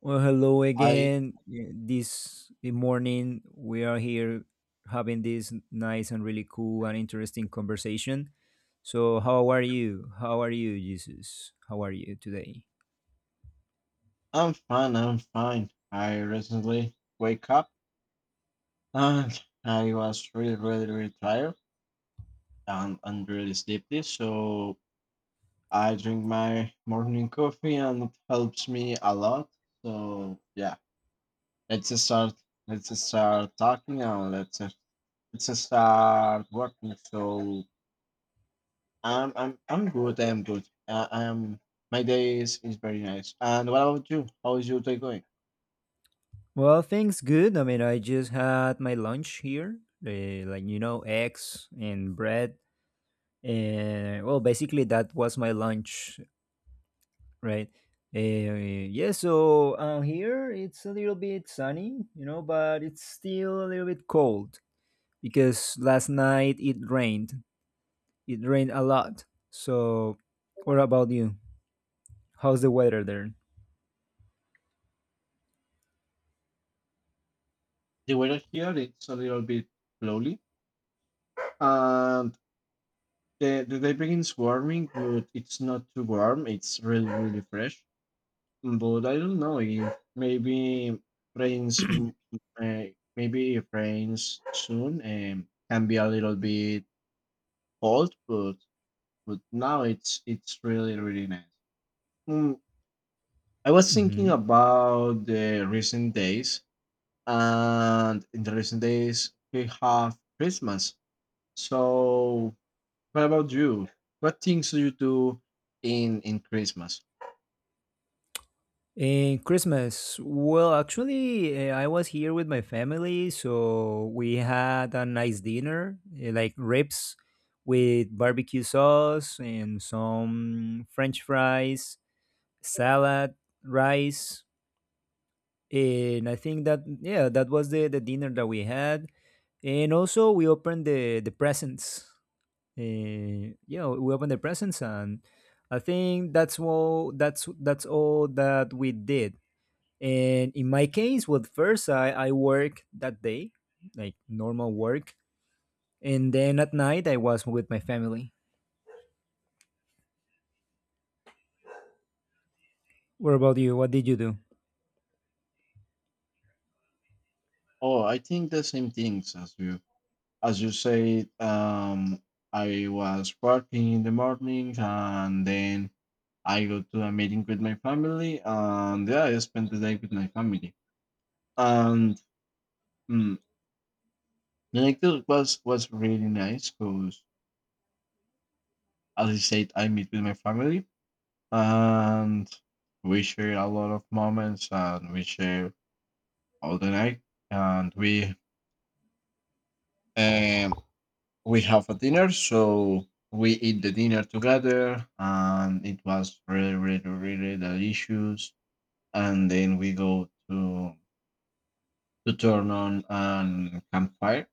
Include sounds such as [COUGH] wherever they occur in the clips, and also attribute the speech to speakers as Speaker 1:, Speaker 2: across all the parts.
Speaker 1: Well, hello
Speaker 2: I
Speaker 1: again. Yeah, this morning we are here having this nice and really cool and interesting conversation. So, how are you? How are you, Jesus? How are you today?
Speaker 2: I'm fine. I'm fine. I recently wake up and I was really tired and really sleepy. So I drink my morning coffee and it helps me a lot. So yeah, let's just start. Let's just start talking and let's just start working. So I'm good. I'm good. I'm My day is very nice. And what about you? How is your day going?
Speaker 1: Well, things good. I mean, I just had my lunch here, like eggs and bread. Well, basically, that was my lunch, right? Uh, yeah, so here it's a little bit sunny, but it's still a little bit cold because last night it rained. It rained a lot. So, what about you? How's the weather there?
Speaker 2: The weather here it's a little bit slowly. Um, the debris is warming, but it's not too warm. It's really really fresh. But I don't know if maybe rains. m- Uh, maybe if rains soon, can be a little bit cold, but now it's really really nice. Mm, I was thinking
Speaker 1: Mm-hmm.
Speaker 2: about the recent days, and in the recent days we have Christmas. So what about you? What things do you do in Christmas?
Speaker 1: In Christmas, well, actually, I was here with my family, so we had a nice dinner, like ribs with barbecue sauce and some French fries, salad, rice, and I think that yeah, that was the dinner that we had, and also we opened the presents. Yeah, we opened the presents, and I think that's all. That's all that we did. And in my case, with first I work that day, like normal work, and then at night I was with my family. What about you? What did you do?
Speaker 2: Oh, I think the same things as you. As you said, I was working in the morning and then I go to a meeting with my family and yeah, I spent the day with my family. And mm, the next was really nice because as I said, I meet with my family and we share a lot of moments and we share all the night and Um, we have a dinner, so we eat the dinner together, and it was really, really, really delicious. And then we go to turn on an campfire,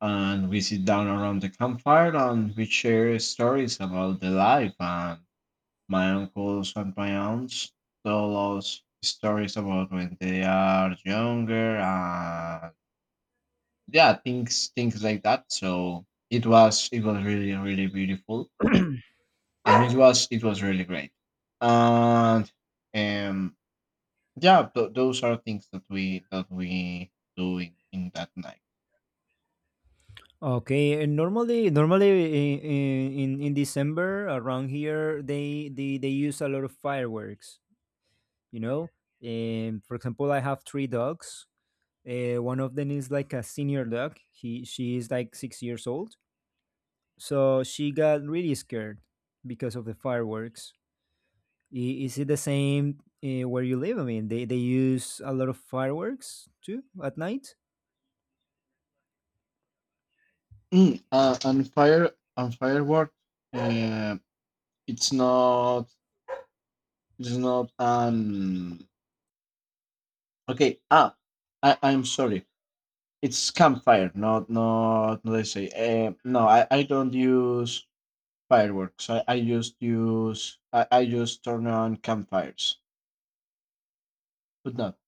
Speaker 2: and we sit down around the campfire, and we share stories about the life. And my uncles and my aunts tell us stories about when they are younger, and yeah, things like that. So it was really really beautiful, and it was really great. And um yeah, those are things that we do in that night.
Speaker 1: Okay, and normally in December around here, they use a lot of fireworks. You know, and for example, I have three dogs. One of them is like a senior dog. He she is like 6 years old, so she got really scared because of the fireworks. Is it the same where you live? I mean, they use a lot of fireworks too at night?
Speaker 2: Mm, uh, and fire and firework uh, it's not it's not an okay, I I'm sorry, it's campfire, not not not I say No, I don't use fireworks. I just turn on campfires, but not.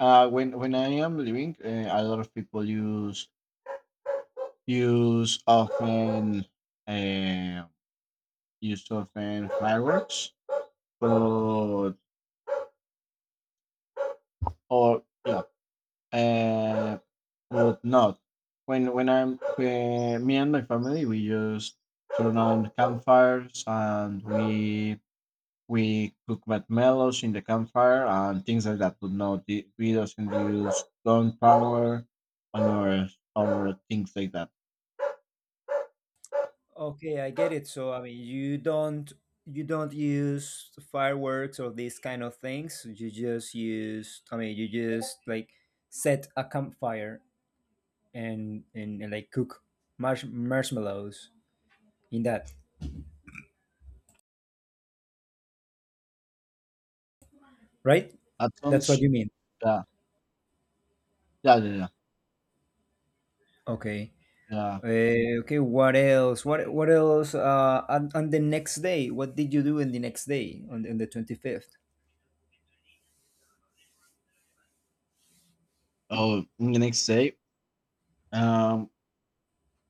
Speaker 2: When I am living, a lot of people use often uh, use often fireworks, but or yeah, uh, but not when when I'm when me and my family we just turn on campfires, and we cook marshmallows in the campfire and things like that. But no, the, we doesn't use gunpowder or or things like that.
Speaker 1: Okay, I get it. So I mean, you don't use fireworks or these kind of things. You just use, I mean, you just like set a campfire and and like cook marshmallows in that, right?
Speaker 2: That
Speaker 1: That's what
Speaker 2: sounds
Speaker 1: you mean.
Speaker 2: yeah yeah,
Speaker 1: Okay.
Speaker 2: yeah.
Speaker 1: Okay, what else? What else? On the next day, what did you do on the next day, on the 25th?
Speaker 2: Oh, the next day, um,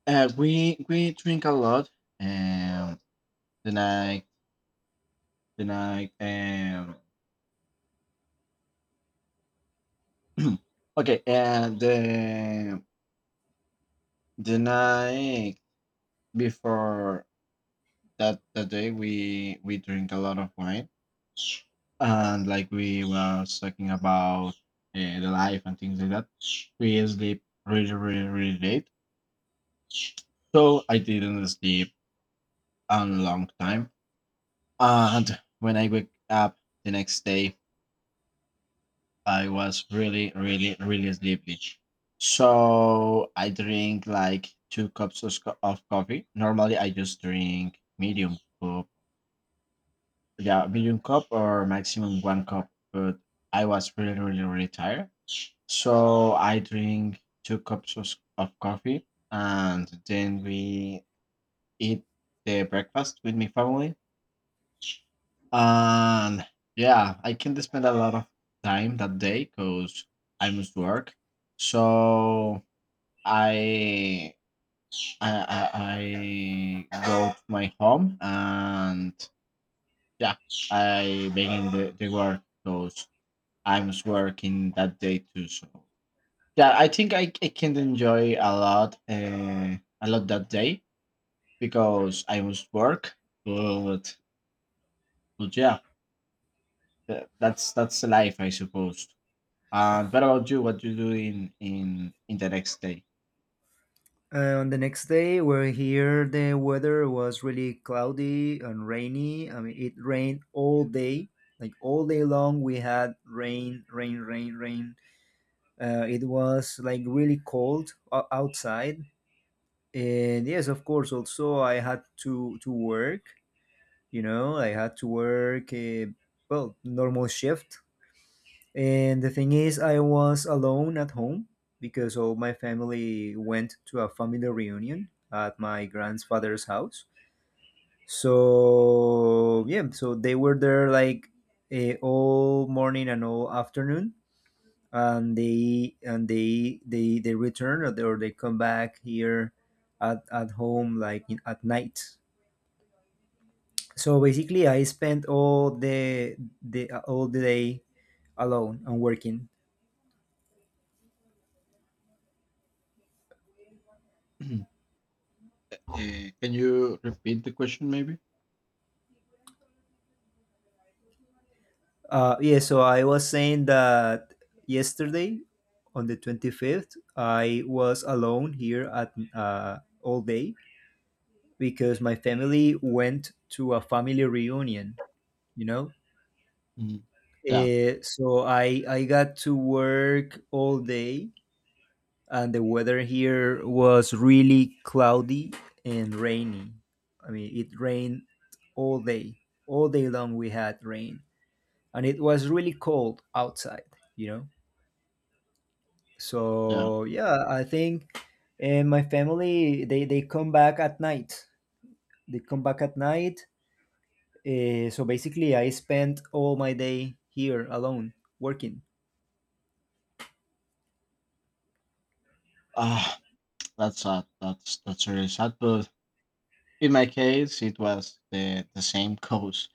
Speaker 2: we drink a lot, and the night the night. [CLEARS THROAT] okay, and the night before that day we drink a lot of wine, and like we was talking about the life and things like that. We sleep really really really late, so I didn't sleep a long time, and when I wake up the next day I was really really really sleepy. So I drink like two cups of, of coffee. Normally I just drink medium cup. Yeah, medium cup or maximum one cup. But I was really, really, really tired. So I drink two cups of coffee, and then we eat the breakfast with my family. And yeah, I can spend a lot of time that day because I must work. So I I go to my home, and yeah, I begin the work. Goes I was working that day too. So yeah, I think I can enjoy a lot that day because I was work. But but yeah, that's the life, I suppose. And what about you? What you do in in the next day?
Speaker 1: On the next day, we're here. The weather was really cloudy and rainy. I mean, it rained all day, like all day long. We had rain, rain, rain, rain. It was like really cold outside, and yes, of course. Also, I had to work. I had to work. Well, normal shift. And the thing is, I was alone at home because all my family went to a family reunion at my grandfather's house. So, yeah, so they were there like all morning and all afternoon. And they return, or they come back here at home, like in, at night. So basically, I spent all the day alone and working.
Speaker 2: [CLEARS THROAT] Eh, can you repeat the question, maybe?
Speaker 1: Yeah, so I was saying that yesterday on the 25th, I was alone here at all day because my family went to a family reunion, you know?
Speaker 2: Mm, Yeah,
Speaker 1: So I got to work all day, and the weather here was really cloudy and rainy. I mean, it rained all day. All day long, we had rain, and it was really cold outside, you know?
Speaker 2: yeah.
Speaker 1: So yeah, I think. And my family, they come back at night. They come back at night. So basically, I spent all my day here alone working.
Speaker 2: Ah, that's sad. That's really sad. But in my case, it was the same cause.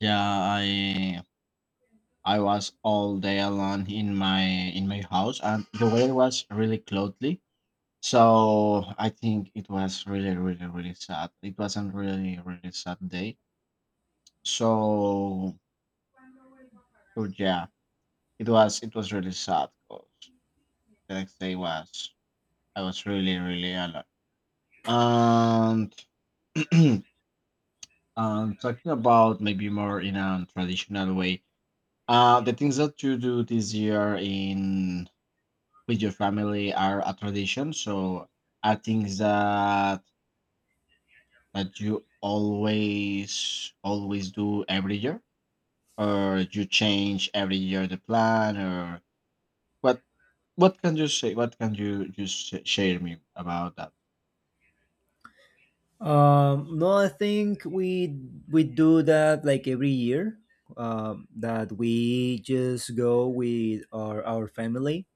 Speaker 2: Yeah, I was all day alone in my house, and the weather was really cloudy. So I think it was really, really, really sad. It wasn't really, really sad day. So, so yeah, it was really sad because the next day was I was really, really alone. And [CLEARS THROAT] talking about maybe more in a traditional way, the things that you do this year in with your family are a tradition. So are things that that you always always do every year, or you change every year the plan, or what? What can you say? What can you just share me about that?
Speaker 1: No, I think we do that like every year. That we just go with our family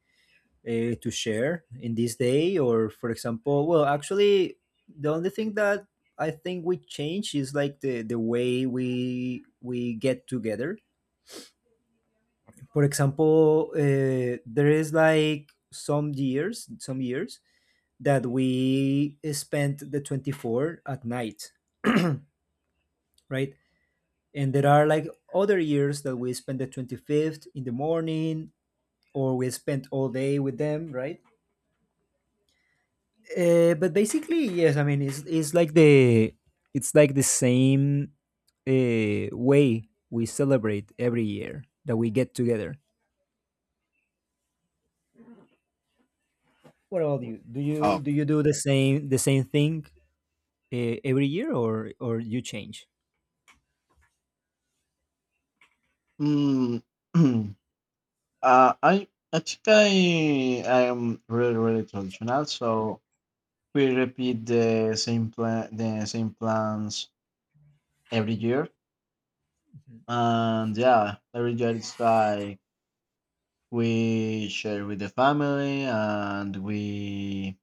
Speaker 1: to share in this day. Or for example, well, actually, the only thing that I think we change is like the way we get together. For example, there is like some years that we spent the 24th at night. [CLEARS THROAT] Right. And there are like other years that we spend the 25th in the morning, or we spent all day with them, right? But basically, yes. I mean, it's like the same way we celebrate every year that we get together. What about you? Do you
Speaker 2: Oh,
Speaker 1: do you do the same thing every year, or you change?
Speaker 2: mm, [CLEARS THROAT] I think I am really really traditional. So we repeat the same plan, the same plans every year, and yeah, every year it's like we share with the family, and we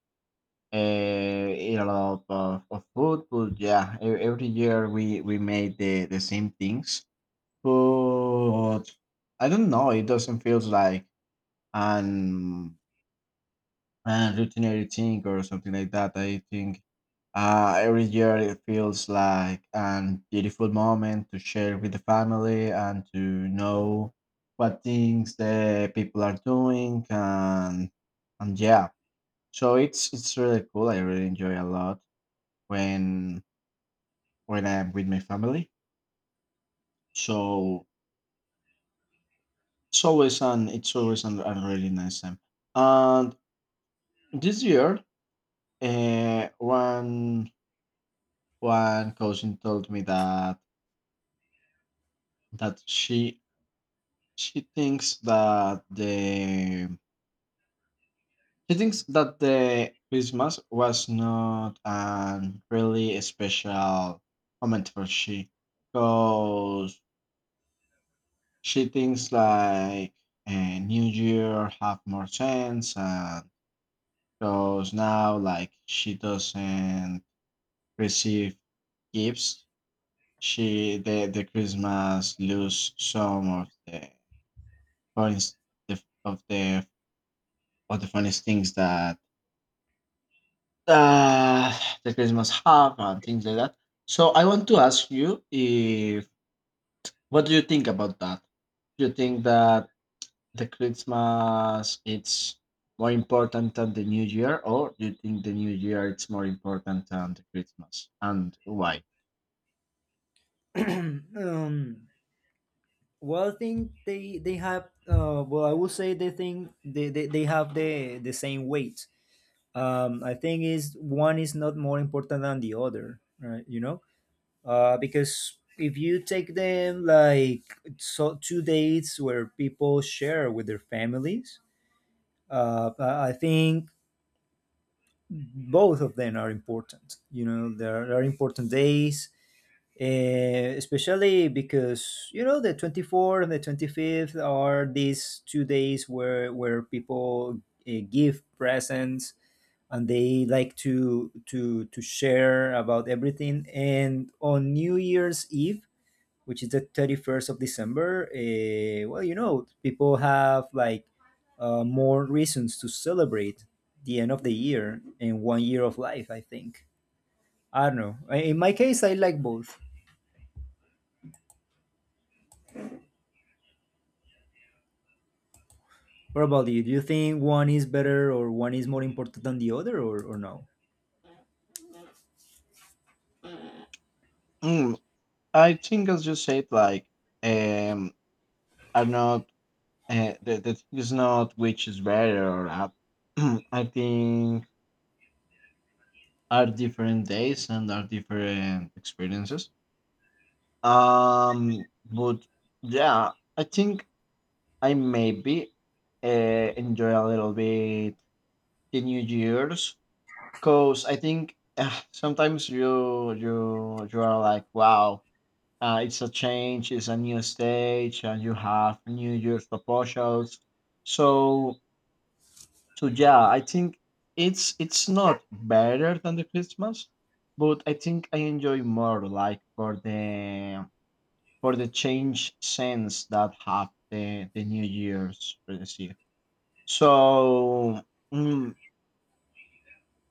Speaker 2: eat a lot of food. But yeah, every year we made the same things. But I don't know. It doesn't feel like an and routine editing or something like that. I think every year it feels like a beautiful moment to share with the family and to know what things the people are doing and yeah. So it's really cool. I really enjoy a lot when when I'm with my family. So it's always an it's always a really nice time. And this year, uh, one one cousin told me that that she she thinks that the she thinks that the Christmas was not an really special moment for she, because she thinks like a New Year have more sense, and because now like she doesn't receive gifts, she the Christmas lose some of the funniest the- of the of the funniest things that the Christmas have and things like that. So I want to ask you if what do you think about that? Do you think that the Christmas it's more important than the New Year, or do you think the New Year it's more important than the Christmas, and why?
Speaker 1: [CLEARS THROAT] um, well, I think they have. Well, I would say they think they have the same weight. I think is one is not more important than the other, right? Because if you take them like so two dates where people share with their families, I think both of them are important. There are important days. Especially because you know the 24th and the 25th are these 2 days where people give presents. And they like to share about everything. And on New Year's Eve, which is the 31st of December, well, people have like more reasons to celebrate the end of the year and one year of life, I think. I don't know. In my case, I like both. What about you? Do you think one is better, or one is more important than the other, or no?
Speaker 2: Mm, I think as you said, like um, are not the the thing is not which is better or not. [CLEARS THROAT] I think are different days and are different experiences. But yeah, I think I maybe enjoy a little bit the New Year's because I think sometimes you are like, wow, it's a change, it's a new stage, and you have New Year's proposals. So so yeah, I think it's not better than the Christmas, but I think I enjoy more like for the change sense that have the New Year's for this year. So mm,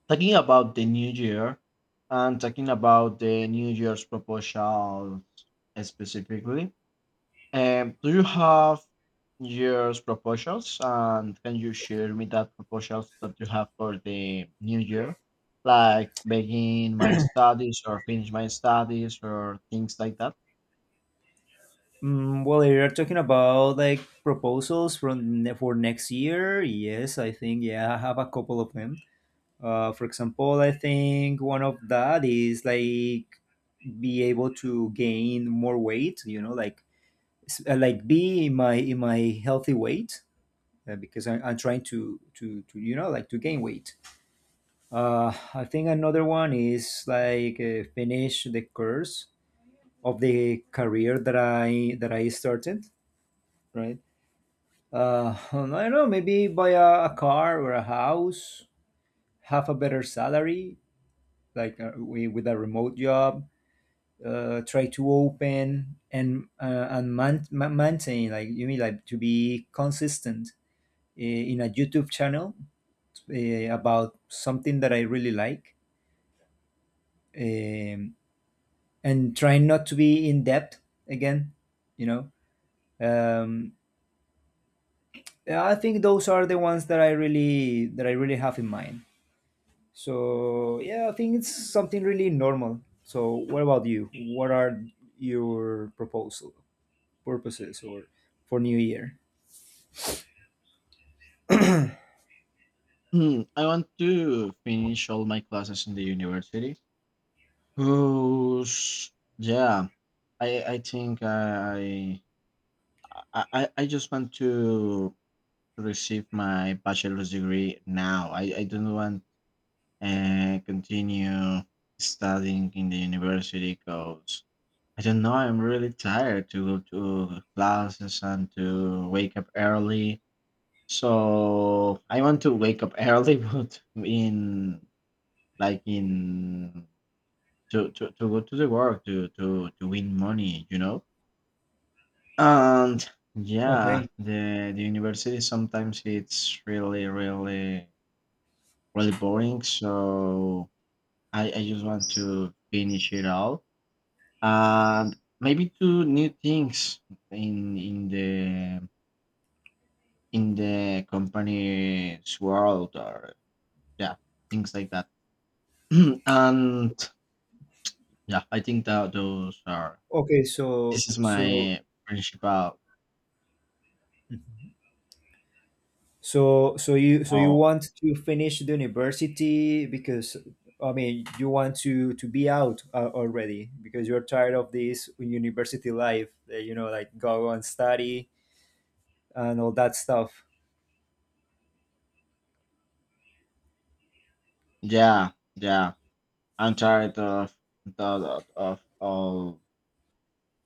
Speaker 2: talking about the New Year and talking about the New Year's proposal specifically, do you have your proposals, and can you share me that proposals that you have for the new year, like begin my studies or finish my studies or things like that?
Speaker 1: Well, if you're talking about like proposals from for next year, yes, I think yeah, I have a couple of them. For example, I think one of that is like be able to gain more weight. You know, like like be in my healthy weight because I'm trying to like to gain weight. I think another one is like finish the course of the career that I started. Right. I don't know. Maybe buy a car or a house. Have a better salary, like with a remote job. Try to open and and maintain, like you mean, like to be consistent in a YouTube channel about something that I really like. um, and trying not to be in depth again, you know um, yeah, I think those are the ones that I really have in mind. So yeah, I think it's something really normal. So what about you? What are your proposal purposes or for new year?
Speaker 2: I want to finish all my classes in the university. Cause yeah, I think I just want to receive my bachelor's degree now. I don't want and continue studying in the university because I don't know, I'm really tired to go to classes and to wake up early. So I want to wake up early, [LAUGHS] but in like in to go to the work to win money, you know? And yeah,
Speaker 1: Okay.
Speaker 2: the university sometimes it's really, really, really boring. So I just want to finish it all, and maybe two new things in the company's world or yeah, things like that. [CLEARS THROAT] And yeah, I think that those are
Speaker 1: Okay, so
Speaker 2: this is
Speaker 1: so
Speaker 2: my principal.
Speaker 1: so so you so you
Speaker 2: oh
Speaker 1: want to finish the university because, I mean, you want to be out already because you're tired of this university life, like go and study and all that stuff.
Speaker 2: yeah, yeah. I'm tired of all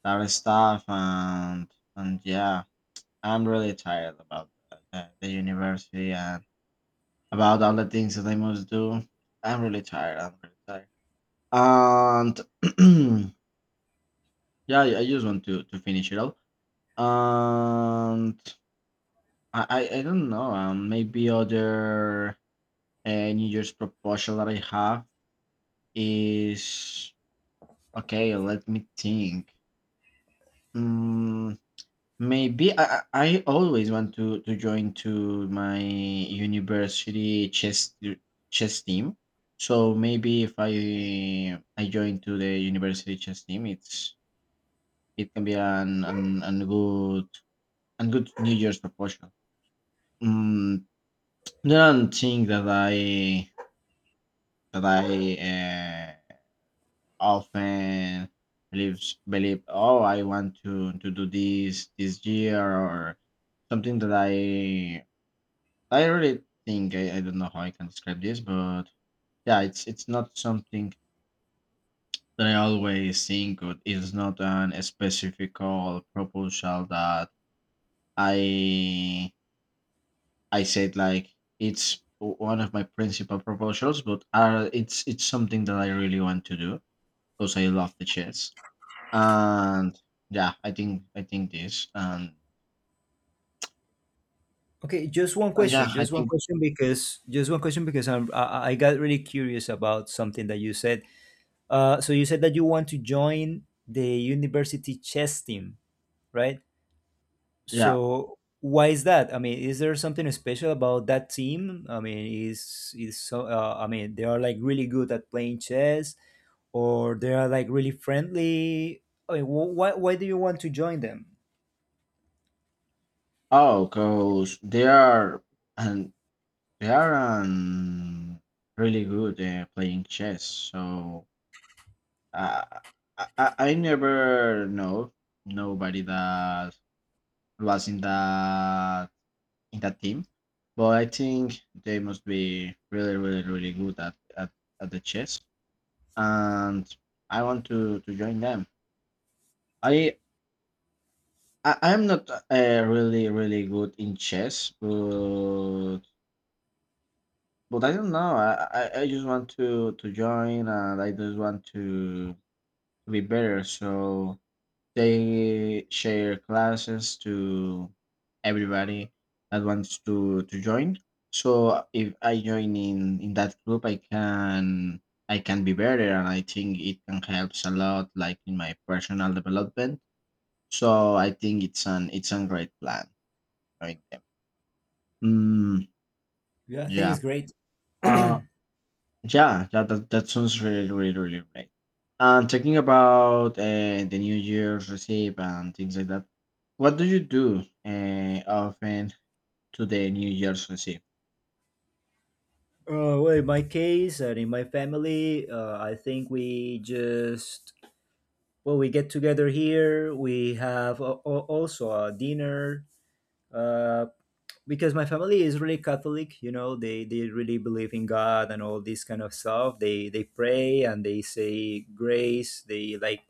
Speaker 2: that stuff and yeah, I'm really tired about the university and about all the things that I must do. I'm really tired. I'm really tired. And [CLEARS THROAT] yeah, I just want to finish it all. And I don't know. Maybe other New Year's proposal that I have is okay. Let me think. Mm, Maybe I always want to join to my university chess team. So maybe if I join to the university chess team, it's it can be an an good and good New Year's proposal. Mm, don't think that I that I uh, often believe oh I want to do this this year or something that I really think I don't know how I can describe this, but yeah, it's not something that I always think of. It's not an a specific or proposal that I I said like it's one of my principal proposals, but it's it's something that I really want to do because I love the chess. And yeah, I think this
Speaker 1: Okay,
Speaker 2: and yeah, I think
Speaker 1: just one question because I got really curious about something that you said. So you said that you want to join the university chess team, right?
Speaker 2: yeah.
Speaker 1: So why is that? I mean, is there something special about that team? I mean, is so? I mean, they are like really good at playing chess, or they are like really friendly. I mean, why do you want to join them?
Speaker 2: Oh, cause they are and they Yaran really good playing chess. So uh, I never know nobody that was in that team, but I think they must be really, really, really good at, at the chess, and I want to join them. I. I'm not really, really good in chess, but I don't know. I just want to join, and I just want to be better. So they share classes to everybody that wants to join. So if I join in that group, I can be better, and I think it can helps a lot, like in my personal development. So I think it's a great plan. Join them. Mm,
Speaker 1: Yeah, I think it's
Speaker 2: yeah.
Speaker 1: great. [CLEARS THROAT]
Speaker 2: Uh, Yeah, that sounds really, really, really great. And talking about the New Year's receipt and things like that, what do you do often to the New Year's receipt?
Speaker 1: Well, in my case and in my family, I think we get together here. We have also a dinner, uh, because my family is really Catholic. They really believe in God and all this kind of stuff. They pray and they say grace. they like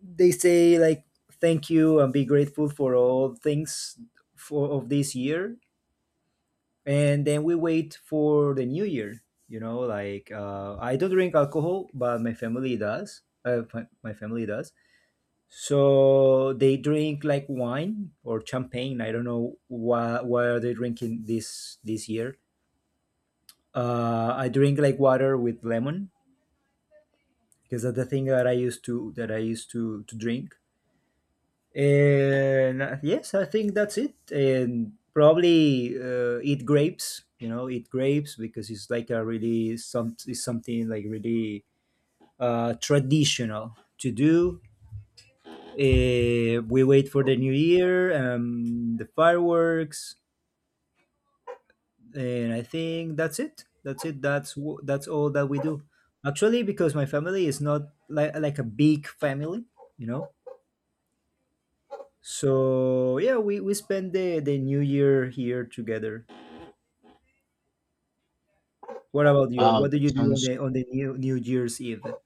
Speaker 1: they say like, "Thank you," and be grateful for all things for of this year. And then we wait for the New Year. I don't drink alcohol, but my family does. My family does. So they drink like wine or champagne. I don't know why are they drinking this year. I drink like water with lemon because that's the thing that I used to drink. And yes, I think that's it. And probably eat grapes. You know, eat grapes because it's like a really some it's something like really traditional to do. We wait for the new year, the fireworks. And I think that's it. That's it. That's that's all that we do. Actually, because my family is not like a big family, you know. So yeah, we spend the New Year here together. What about you?
Speaker 2: Well, wow,
Speaker 1: What do you do on the New Year's Eve?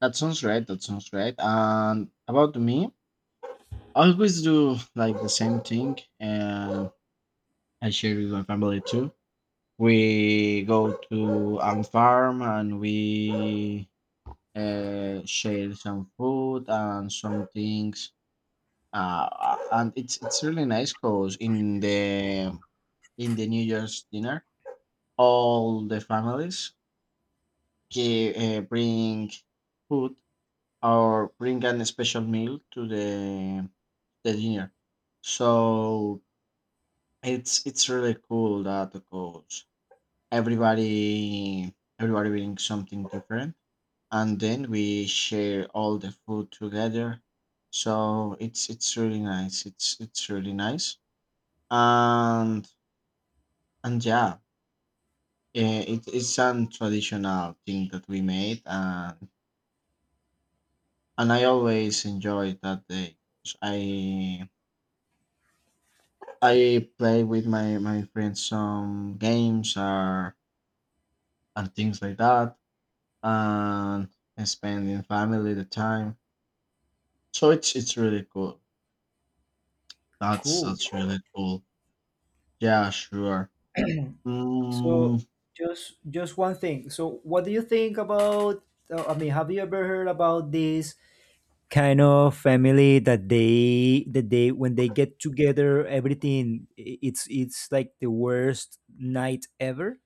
Speaker 2: that sounds right. That sounds right. And about me, I always do like the same thing, and I share with my family too. We go to a farm and we share some food and some things. And it's really nice because in the New Year's dinner, all the families give, bring food or bring an special meal to the dinner. So it's really cool that because everybody brings something different, and then we share all the food together. So it's really nice. It's really nice. And and yeah, it's some traditional thing that we made, and I always enjoy that day. 'Cause I play with my my friends some games or and things like that, and spending family the time. So it's really cool.
Speaker 1: Cool.
Speaker 2: That's really cool. Yeah, sure.
Speaker 1: So
Speaker 2: Mm,
Speaker 1: just one thing. So what do you think about? I mean, have you ever heard about this kind of family that they when they get together, everything it's like the worst night ever.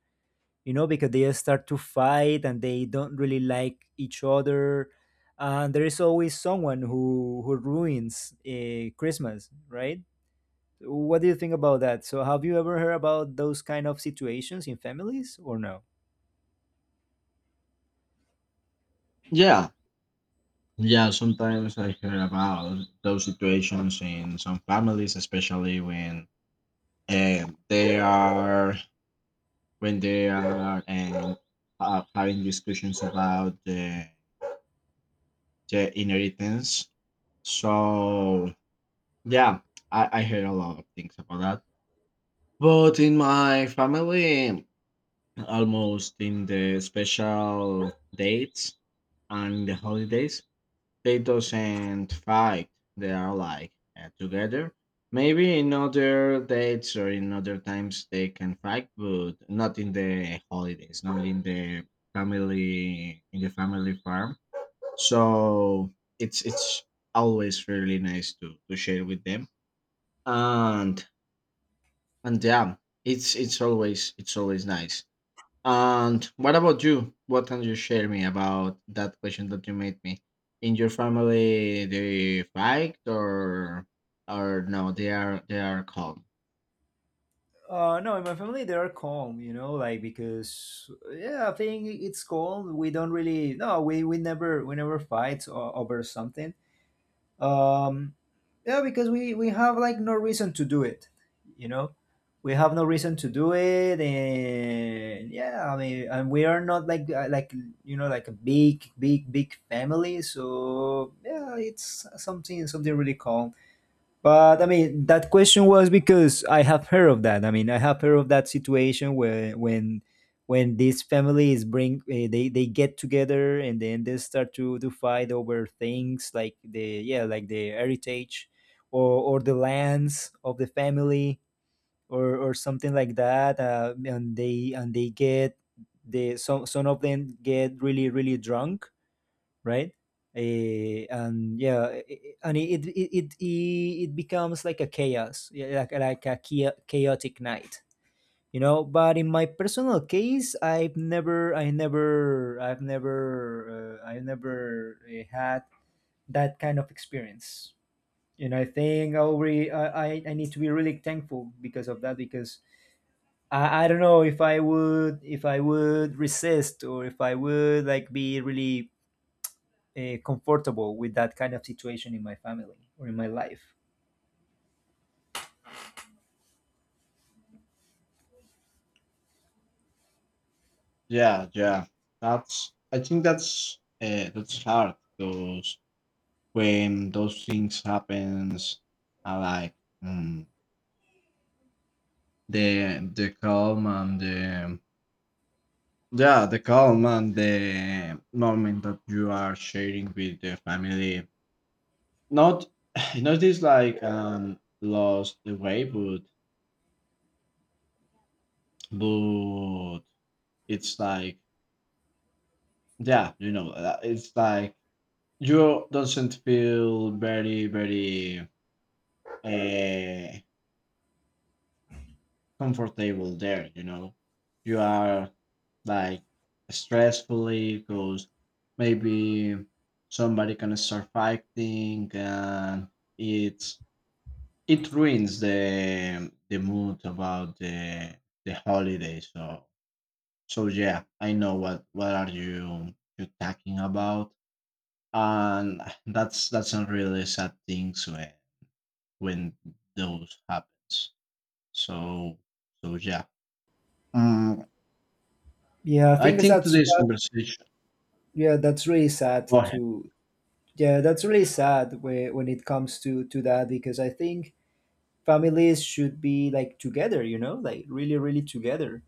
Speaker 1: Because they start to fight and they don't really like each other, and there is always someone who ruins Christmas, right? What do you think about that? So have you ever heard about those kind of situations in families, or no?
Speaker 2: yeah. Yeah, Sometimes I hear about those situations in some families, especially when they are when they are having discussions about the inheritance. So yeah, I hear a lot of things about that. But in my family, almost in the special dates and the holidays, they doesn't fight. They are like together. Maybe in other dates or in other times they can fight, but not in the holidays, not in the family in the family farm. So it's always really nice to share with them and and yeah, it's always nice. And what about you? What can you share me about that question that you made me? In your family, they fight or no? They are calm.
Speaker 1: No, in my family they are calm, like because yeah, I think it's calm. We don't really, no, we never fight over something. Um, yeah, because we have like no reason to do it, you know. We have no reason to do it, and yeah, I mean, and we are not like like like a big big big family. So yeah, it's something really calm. But I mean, that question was because I have heard of that. I mean, I have heard of that situation where when these families bring, they get together, and then they start to fight over things like the yeah like the heritage, or the lands of the family, or something like that. And they get the some of them get really really drunk, right? And yeah, and it becomes like a chaos, yeah, like a chaotic night. But in my personal case, I've never, I never, I've never, I've never had that kind of experience. You know, I think I'll re- I need to be really thankful because of that, because I don't know if I would resist, or if I would like be really comfortable with that kind of situation in my family or in my life.
Speaker 2: Yeah, yeah. That's I think that's hard because when those things happens, I like mm, the calm and the yeah the calm and the moment that you are sharing with the family. Not [SIGHS] not this like lost the way, but it's like yeah, you know, it's like you doesn't feel very, very uh, comfortable there. You know, you are like stressfully because maybe somebody can start fighting, and it's it ruins the mood about the holiday. So so yeah, I know what are you you talking about, and [SIGHS] that's a really sad things when those happens. So so yeah, um,
Speaker 1: Yeah, I
Speaker 2: I
Speaker 1: think that's,
Speaker 2: think today's conversation.
Speaker 1: that's really sad
Speaker 2: Go ahead.
Speaker 1: when it comes to that because I think families should be like together, like really really together,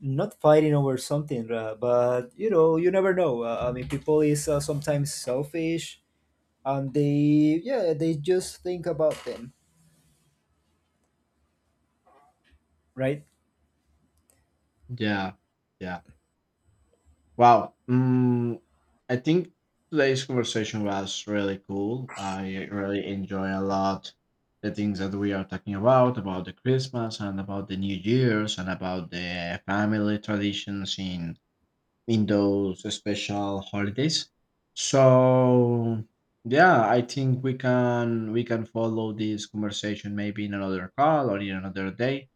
Speaker 1: not fighting over something, but you never know. I mean, people is sometimes selfish, and they just think about them, right?
Speaker 2: Yeah, yeah. Wow. Mm, I think today's conversation was really cool. I really enjoy a lot the things that we are talking about the Christmas and about the New Year's and about the family traditions in those special holidays. So yeah, I think we can follow this conversation maybe in another call or in another day.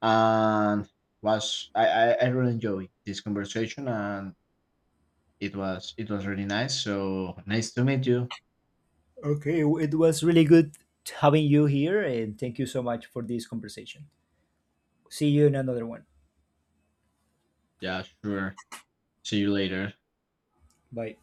Speaker 2: And was I really enjoy this conversation, and it was really nice. So nice to meet you.
Speaker 1: Okay, it was really good having you here, and thank you so much for this conversation. See you in another one.
Speaker 2: Yeah, sure. See you later.
Speaker 1: Bye.